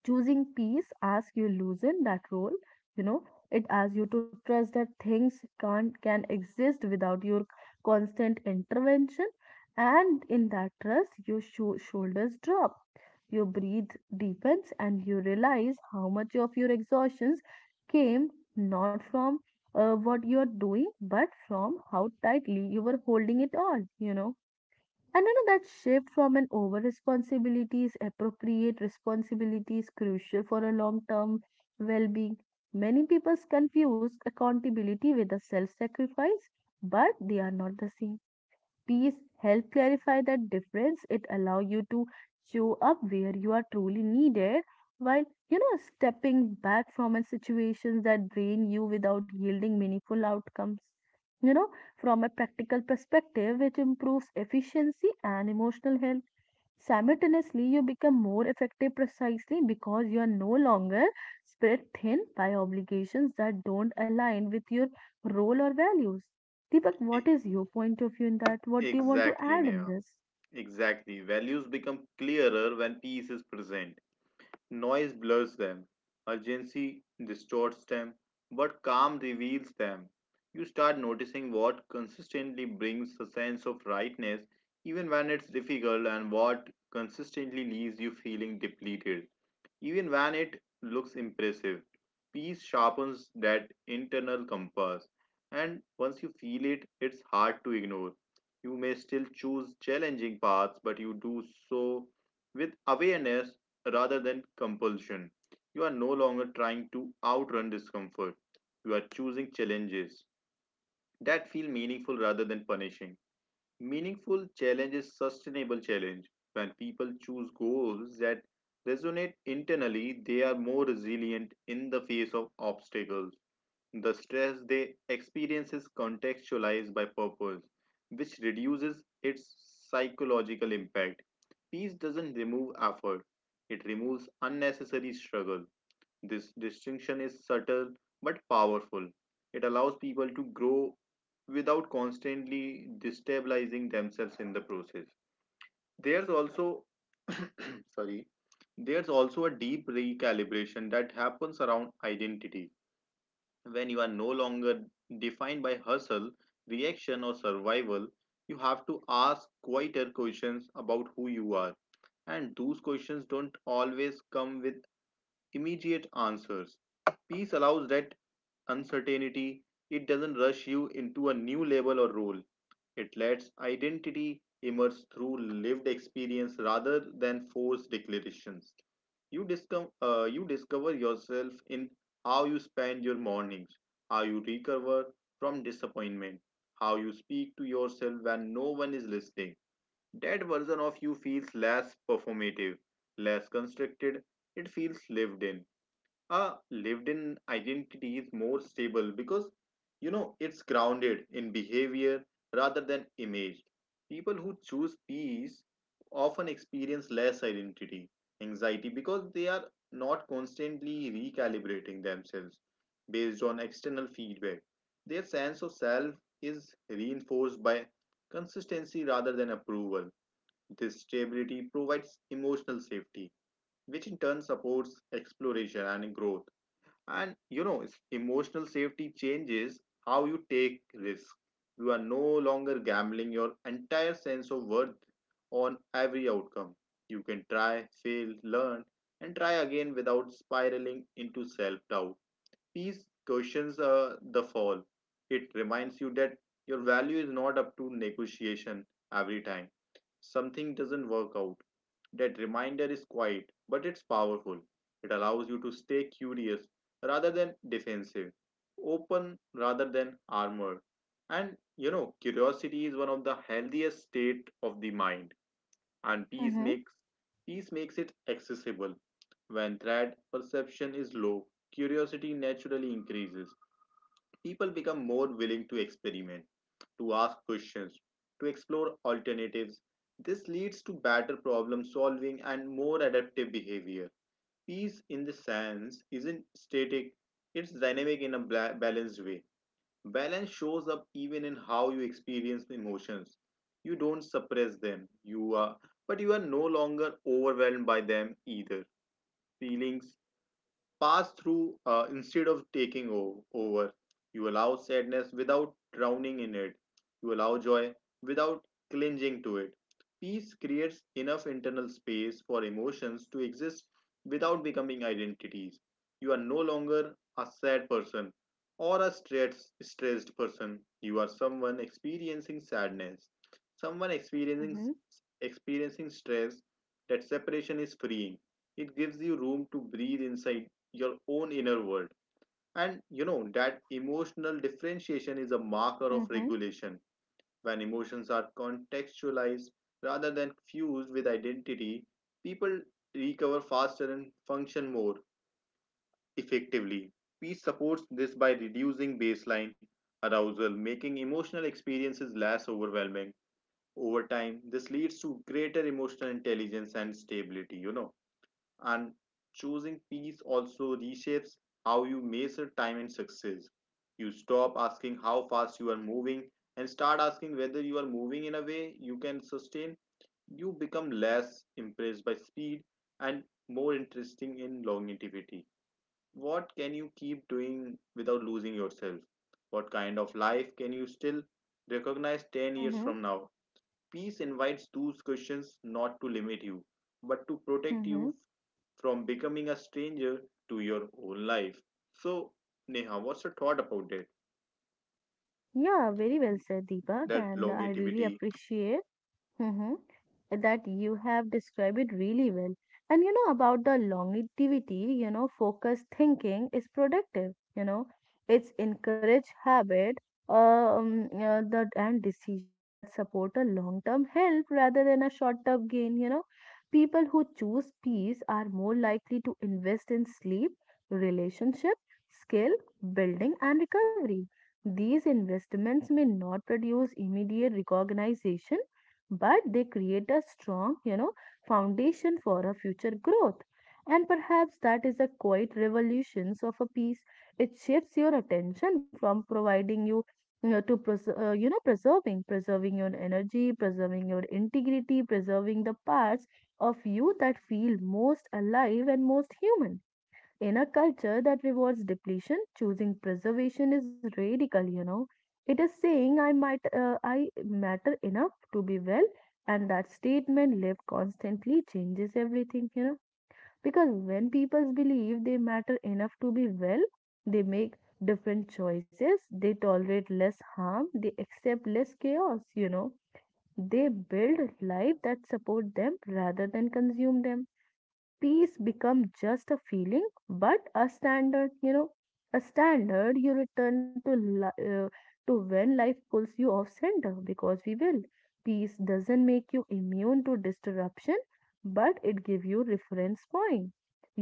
A: Choosing peace asks you loosen that role you know it asks you to trust that things can exist without your constant intervention. And in that trust your shoulders drop, your breath deepens, and you realize how much of your exhaustions came not from what you're doing but from how tightly you were holding it on. And you know that shift from an over responsibilities, appropriate responsibilities crucial for a long term well being. Many people confuse accountability with a self sacrifice, but they are not the same. Peace help clarify that difference. It allow you to show up where you are truly needed while stepping back from a situation that drain you without yielding meaningful outcomes. You know, from a practical perspective, it improves efficiency and emotional health. Simultaneously, you become more effective precisely because you are no longer spread thin by obligations that don't align with your role or values. Deepak, what
B: E-
A: is your point of view in that? What do you want to
B: Exactly,
A: add in
B: Neha.
A: this?
B: Exactly. Values become clearer when peace is present. Noise blurs them, urgency distorts them, but calm reveals them. You start noticing what consistently brings a sense of rightness, even when it's difficult, and what consistently leaves you feeling depleted. Even when it looks impressive, peace sharpens that internal compass, and once you feel it, it's hard to ignore. You may still choose challenging paths, but you do so with awareness rather than compulsion. You are no longer trying to outrun discomfort, you are choosing challenges that feel meaningful rather than punishing. Meaningful challenge is sustainable challenge. When people choose goals that resonate internally, they are more resilient in the face of obstacles. The stress they experience is contextualized by purpose, which reduces its psychological impact. Peace doesn't remove effort, it removes unnecessary struggle. This distinction is subtle but powerful. It allows people to grow without constantly destabilizing themselves in the process. There's also <coughs> <clears throat> sorry there's also a deep recalibration that happens around identity when you are no longer defined by hustle reaction or survival you have to ask quieter questions about who you are and those questions don't always come with immediate answers. Peace allows that uncertainty, it doesn't rush you into a new label or role. It lets identity emerge through lived experience rather than forced declarations. You discover yourself in how you spend your mornings, how you recover from disappointment, how you speak to yourself when no one is listening. That version of you feels less performative, less constructed, it feels lived in a lived in identity is more stable because you know it's grounded in behavior rather than image people who choose peace often experience less identity anxiety because they are not constantly recalibrating themselves based on external feedback their sense of self is reinforced by consistency rather than approval this stability provides emotional safety which in turn supports exploration and growth and you know it's emotional safety changes how you take risk you are no longer gambling your entire sense of worth on every outcome you can try fail learn and try again without spiraling into self doubt. Peace cushions the fall. It reminds you that your value is not up to negotiation every time something doesn't work out. That reminder is quiet, but it's powerful. It allows you to stay curious rather than defensive, open rather than armored. And you know, curiosity is one of the healthiest state of the mind and
A: Mm-hmm.
B: peace makes it accessible. When threat perception is low, curiosity naturally increases. People become more willing to experiment, to ask questions, to explore alternatives. This leads to better problem solving and more adaptive behavior. Peace in the sense isn't static, it's dynamic in a balanced way. Balance shows up even in how you experience emotions. You don't suppress them, you are, but you are no longer overwhelmed by them either. Feelings pass through instead of taking over. You allow sadness without drowning in it. You allow joy without clinging to it. Peace creates enough internal space for emotions to exist without becoming identities. You are no longer a sad person or a stressed person. You are someone experiencing sadness, someone
A: Mm-hmm.
B: experiencing stress. That separation is freeing. It gives you room to breathe inside your own inner world. And you know, that emotional differentiation is a marker of
A: Mm-hmm.
B: regulation. When emotions are contextualized rather than fused with identity, people recover faster and function more effectively. Peace supports this by reducing baseline arousal, making emotional experiences less overwhelming. Over time, this leads to greater emotional intelligence and stability, and choosing peace also reshapes how you measure time and success. You stop asking how fast you are moving and start asking whether you are moving in a way you can sustain. You become less impressed by speed and more interesting in longevity. What can you keep doing without losing yourself? What kind of life can you still recognize 10 years from
A: Mm-hmm.
B: now? Peace invites those questions not to limit you, but to protect you
A: Mm-hmm.
B: from becoming a stranger to your own life. So, Neha, what's your thought about that?
A: Yeah, very well said, Deepak,
B: That
A: and I really
B: longevity.
A: appreciate hmm that you have described it really well. And you know, about the longevity, you know, focused thinking is productive, you know, it's encourage habit, that and decisions that support a long-term health rather than a short-term gain, you know. People who choose peace are more likely to invest in sleep, relationship, skill, building, and recovery. These investments may not produce immediate recognition, but they create a strong, you know, foundation for a future growth. And perhaps that is a quiet revolutions of a piece. It shifts your attention from providing you, you know, to preserving your energy, preserving your integrity, preserving the parts of you that feel most alive and most human in a culture that rewards depletion. Choosing preservation is radical, you know. It is saying I might I matter enough to be well, and that statement lived constantly changes everything, you know. Because when people believe they matter enough to be well, they make different choices, they tolerate less harm, they accept less chaos, you know. They build life that support them rather than consume them. Peace become just a feeling but a standard, you know, a standard you return to, li- uh, to when life pulls you off center because we will. Peace doesn't make you immune to disruption, but it give you reference point,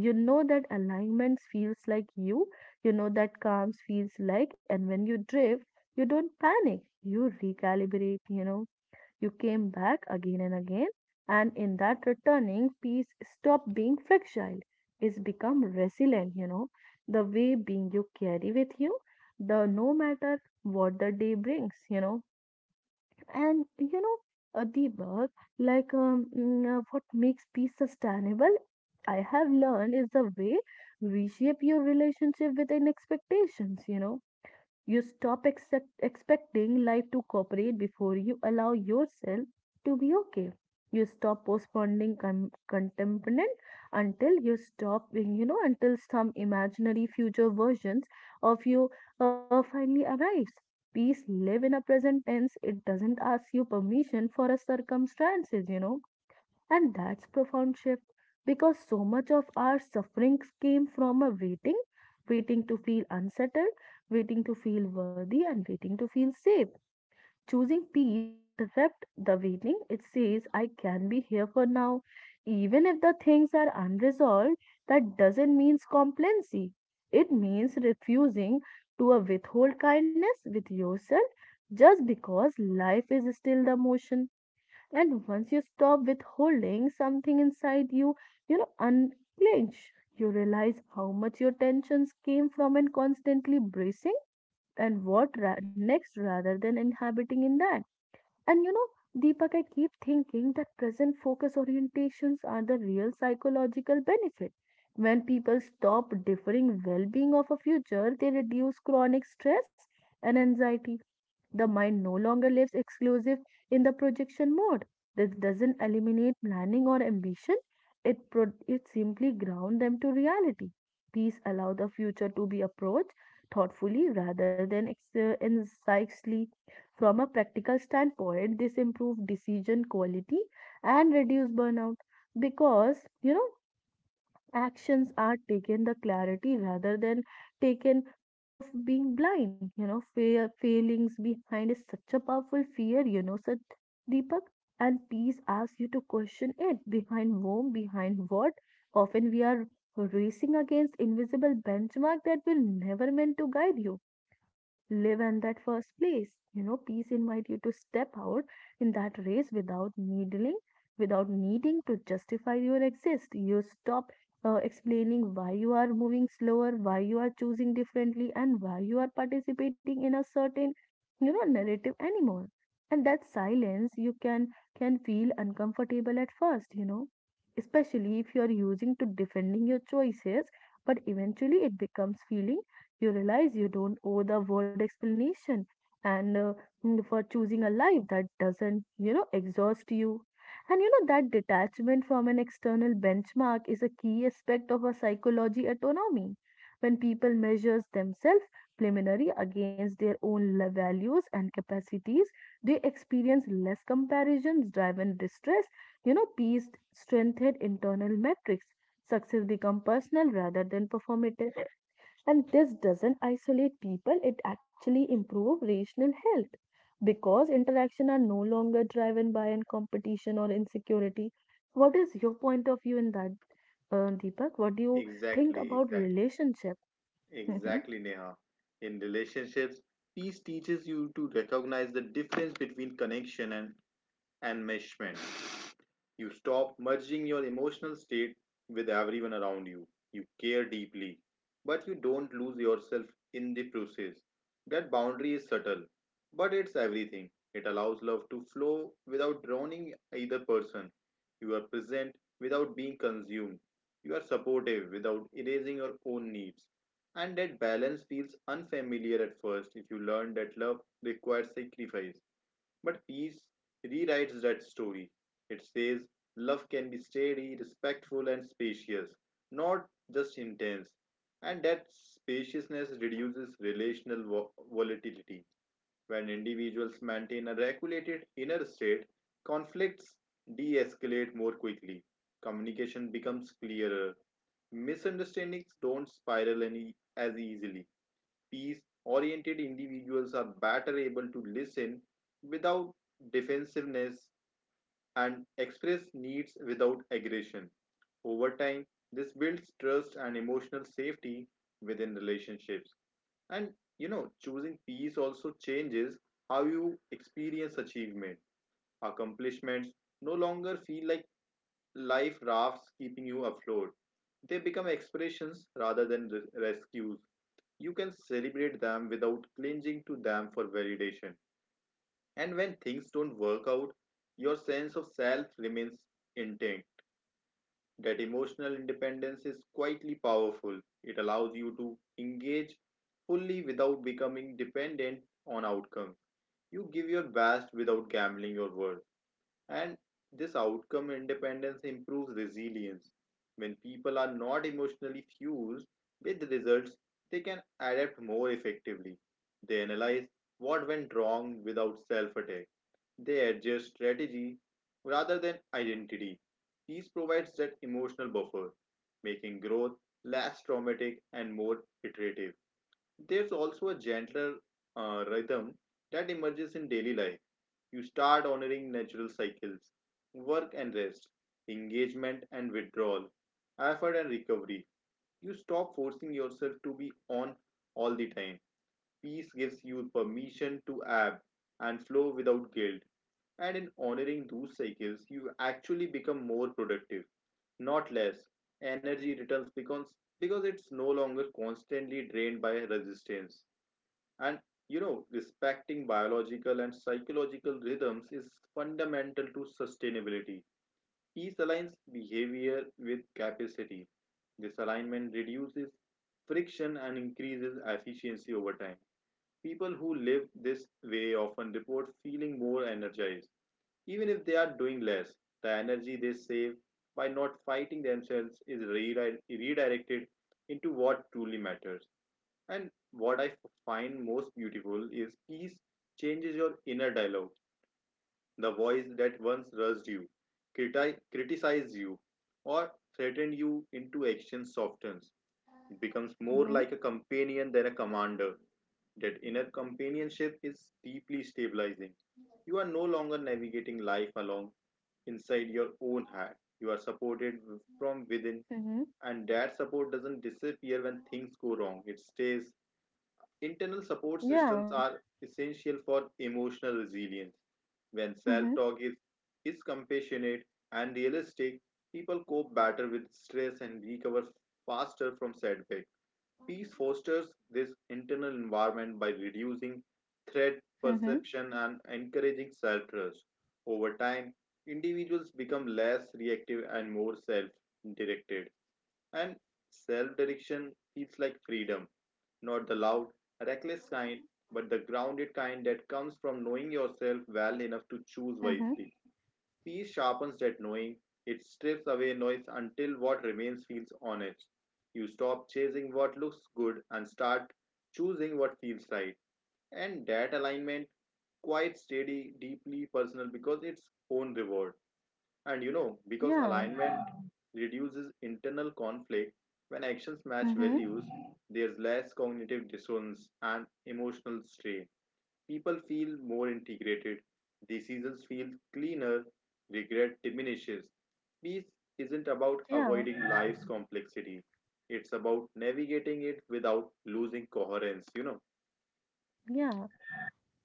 A: you know, that alignment feels like you know, that calms feels like. And when you drift, you don't panic, you recalibrate, you know, you came back again and again, and in that returning peace stopped being fragile. It's become resilient, you know. The way being you carry with you, the no matter what the day brings, you know. And you know, Deepak, like what makes peace sustainable, I have learned is the way reshape your relationship with an expectations, you know. You stop expecting life to cooperate before you allow yourself to be okay. You stop postponing contentment until you stop, you know, until some imaginary future versions of you finally arrives. Peace live in a present tense. It doesn't ask you permission for a circumstances, you know, and that's profound shift because so much of our suffering came from a waiting, waiting to feel unsettled, waiting to feel worthy, and waiting to feel safe. Choosing peace interrupt the waiting. It says, I can be here for now. Even if the things are unresolved, that doesn't mean complacency. It means refusing to withhold kindness with yourself just because life is still the motion. And once you stop withholding something inside you, you know, unclench, you realize how much your tensions came from and constantly bracing and what next rather than inhabiting in that. And you know, Deepak, I keep thinking that present focus orientations are the real psychological benefit. When people stop differing well being of a future, they reduce chronic stress and anxiety. The mind no longer lives exclusive in the projection mode. This doesn't eliminate planning or ambition. It simply ground them to reality. These allow the future to be approached thoughtfully rather than incisively. From a practical standpoint, this improves decision quality and reduce burnout because, you know, actions are taken the clarity rather than taken fear of being blind, you know. Fear feelings behind is such a powerful fear, you know, such, Deepak, and peace asks you to question it behind whom, behind what. Often we are racing against invisible benchmark that will never meant to guide you live in that first place. You know, peace invite you to step out in that race without needling, without needing to justify your exist. You stop explaining why you are moving slower, why you are choosing differently, and why you are participating in a certain, you know, narrative anymore. And that silence you can feel uncomfortable at first, you know, especially if you are using to defending your choices, but eventually it becomes feeling. You realize you don't owe the word explanation and for choosing a life that doesn't, you know, exhaust you. And you know that detachment from an external benchmark is a key aspect of a psychology autonomy. When people measures themselves preliminary against their own values and capacities, they experience less comparisons driven distress, you know. Peace strengthened internal metrics. Success become personal rather than performative. And this doesn't isolate people, it actually improves relational health because interaction are no longer driven by an competition or insecurity. What is your point of view in that, Deepak? What do you think
B: Exactly,
A: about
B: exactly,
A: relationship? Mm-hmm.
B: exactly, Neha. In relationships, peace teaches you to recognize the difference between connection and enmeshment. You stop merging your emotional state with everyone around you. You care deeply, but you don't lose yourself in the process. That boundary is subtle, but it's everything. It allows love to flow without drowning either person. You are present without being consumed. You are supportive without erasing your own needs. And that balance feels unfamiliar at first if you learn that love requires sacrifice. But peace rewrites that story. It says love can be steady, respectful, and spacious, not just intense. And that spaciousness reduces relational volatility. When individuals maintain a regulated inner state, conflicts de escalate more quickly, communication becomes clearer, misunderstandings don't spiral any, as easily, peace oriented individuals are better able to listen without defensiveness and express needs without aggression. Over time, this builds trust and emotional safety within relationships. And you know, choosing peace also changes how you experience achievement. Accomplishments no longer feel like life rafts keeping you afloat, they become expressions rather than rescues you can celebrate them without clinging to them for validation. And when things don't work out, your sense of self remains intact. That emotional independence is quietly powerful. It allows you to engage fully without becoming dependent on outcomes. You give your best without gambling your worth. And this outcome independence improves resilience. When people are not emotionally fused with the results, they can adapt more effectively. They analyze what went wrong without self attack. They adjust strategy rather than identity. Peace provides that emotional buffer, making growth less traumatic and more iterative. There's also a gentler rhythm that emerges in daily life. You start honoring natural cycles, work and rest, engagement and withdrawal, effort and recovery. You stop forcing yourself to be on all the time. Peace gives you permission to ebb and flow without guilt. And in honoring those cycles, you actually become more productive, not less. Energy returns because it's no longer constantly drained by resistance. And you know, respecting biological and psychological rhythms is fundamental to sustainability. Peace aligns behavior with capacity. This alignment reduces friction and increases efficiency over time. People who live this way often report feeling more energized, even if they are doing less. The energy they save by not fighting themselves is redirected into what truly matters. And what I find most beautiful is peace changes your inner dialogue, the voice that once rushed you, criticized you, or threatened you into action softens, it becomes more like a
A: Mm-hmm.
B: companion than a commander. That inner companionship is deeply stabilizing. You are no longer navigating life along inside your own head. You are supported from within,
A: Mm-hmm.
B: and that support doesn't disappear when things go wrong. It stays. Internal support systems
A: Yeah.
B: are essential for emotional resilience. When
A: Mm-hmm.
B: is compassionate and realistic, people cope better with stress and recover faster from setbacks. Peace fosters this internal environment by reducing threat
A: Mm-hmm.
B: perception and encouraging self trust. Over time, individuals become less reactive and more self directed. And self direction feels like freedom, not the loud, reckless kind, but the grounded kind that comes from knowing yourself well enough to choose
A: Mm-hmm.
B: wisely. Peace sharpens that knowing, it strips away noise until what remains feels honest. You stop chasing what looks good and start choosing what feels right. And that alignment, quite steady, deeply personal because it's own reward. And you know, because
A: Yeah.
B: alignment reduces internal conflict, when actions match
A: Mm-hmm.
B: values, there's less cognitive dissonance and emotional strain. People feel more integrated, decisions feel cleaner, regret diminishes. Peace isn't about avoiding
A: Yeah.
B: life's complexity, it's about navigating it without losing coherence, you know.
A: Yeah.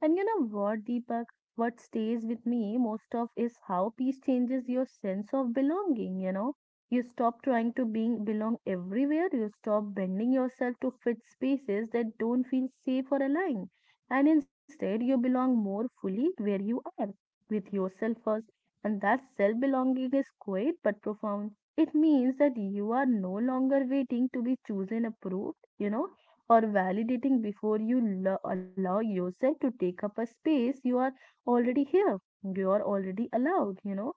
A: And you know what, Deepak? What stays with me most of is how peace changes your sense of belonging, you know. You stop trying to being belong everywhere, you stop bending yourself to fit spaces that don't feel safe or aligned. And instead you belong more fully where you are, with yourself first. And that self belonging is quiet but profound. It means that you are no longer waiting to be chosen, approved, you know, or validating before you allow yourself to take up a space. You are already here, you are already allowed, you know.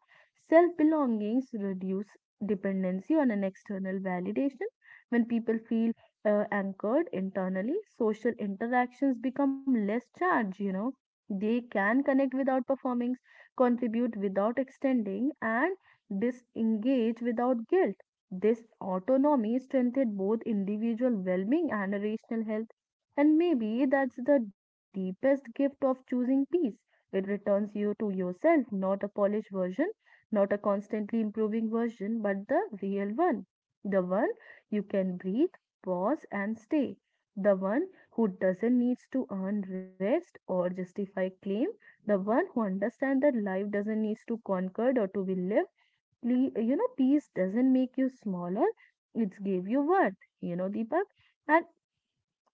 A: Self belongings reduce dependency on an external validation. When people feel anchored internally, social interactions become less charged, you know. They can connect without performing, contribute without extending, and disengage without guilt. This autonomy strengthened both individual well being and rational health. And maybe that's the deepest gift of choosing peace. It returns you to yourself, not a polished version, not a constantly improving version, but the real one. The one you can breathe, pause, and stay. The one who doesn't need to earn rest or justify claim. The one who understands that life doesn't need to be conquered or to be lived you know peace doesn't make you smaller, it's gave you worth, you know, Deepak. And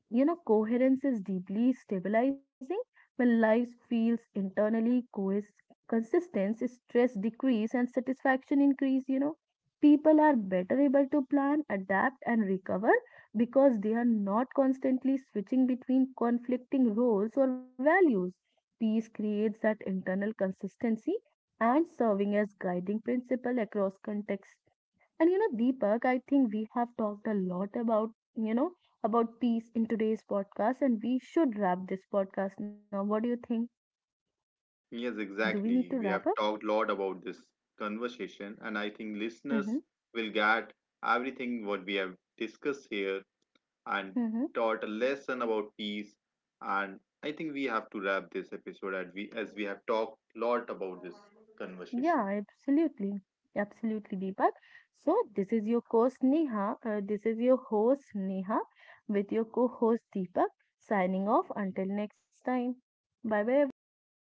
A: you know, coherence is deeply stabilizing. When life feels internally cohes consistent, stress decrease and satisfaction increase, you know. People are better able to plan, adapt and recover because they are not constantly switching between conflicting roles or values. Peace creates that internal consistency and serving as guiding principle across contexts. And you know, Deepak, I think we have talked a lot about, you know, about peace in today's podcast, and we should wrap this podcast now. What do you think?
B: Yes,
A: Do we need to
B: exactly. We
A: wrap up?
B: have talked a lot about this conversation, and I think
A: Mm-hmm.
B: listeners will get everything what we have discussed here and
A: Mm-hmm.
B: taught a lesson about peace. And I think we have to wrap this episode as we have talked a lot about this
A: Yeah,
B: conversation.
A: absolutely. Absolutely, Deepak. So, this is your host Neha. This is your host Neha with your co host Deepak signing off until next time. Bye bye, everyone.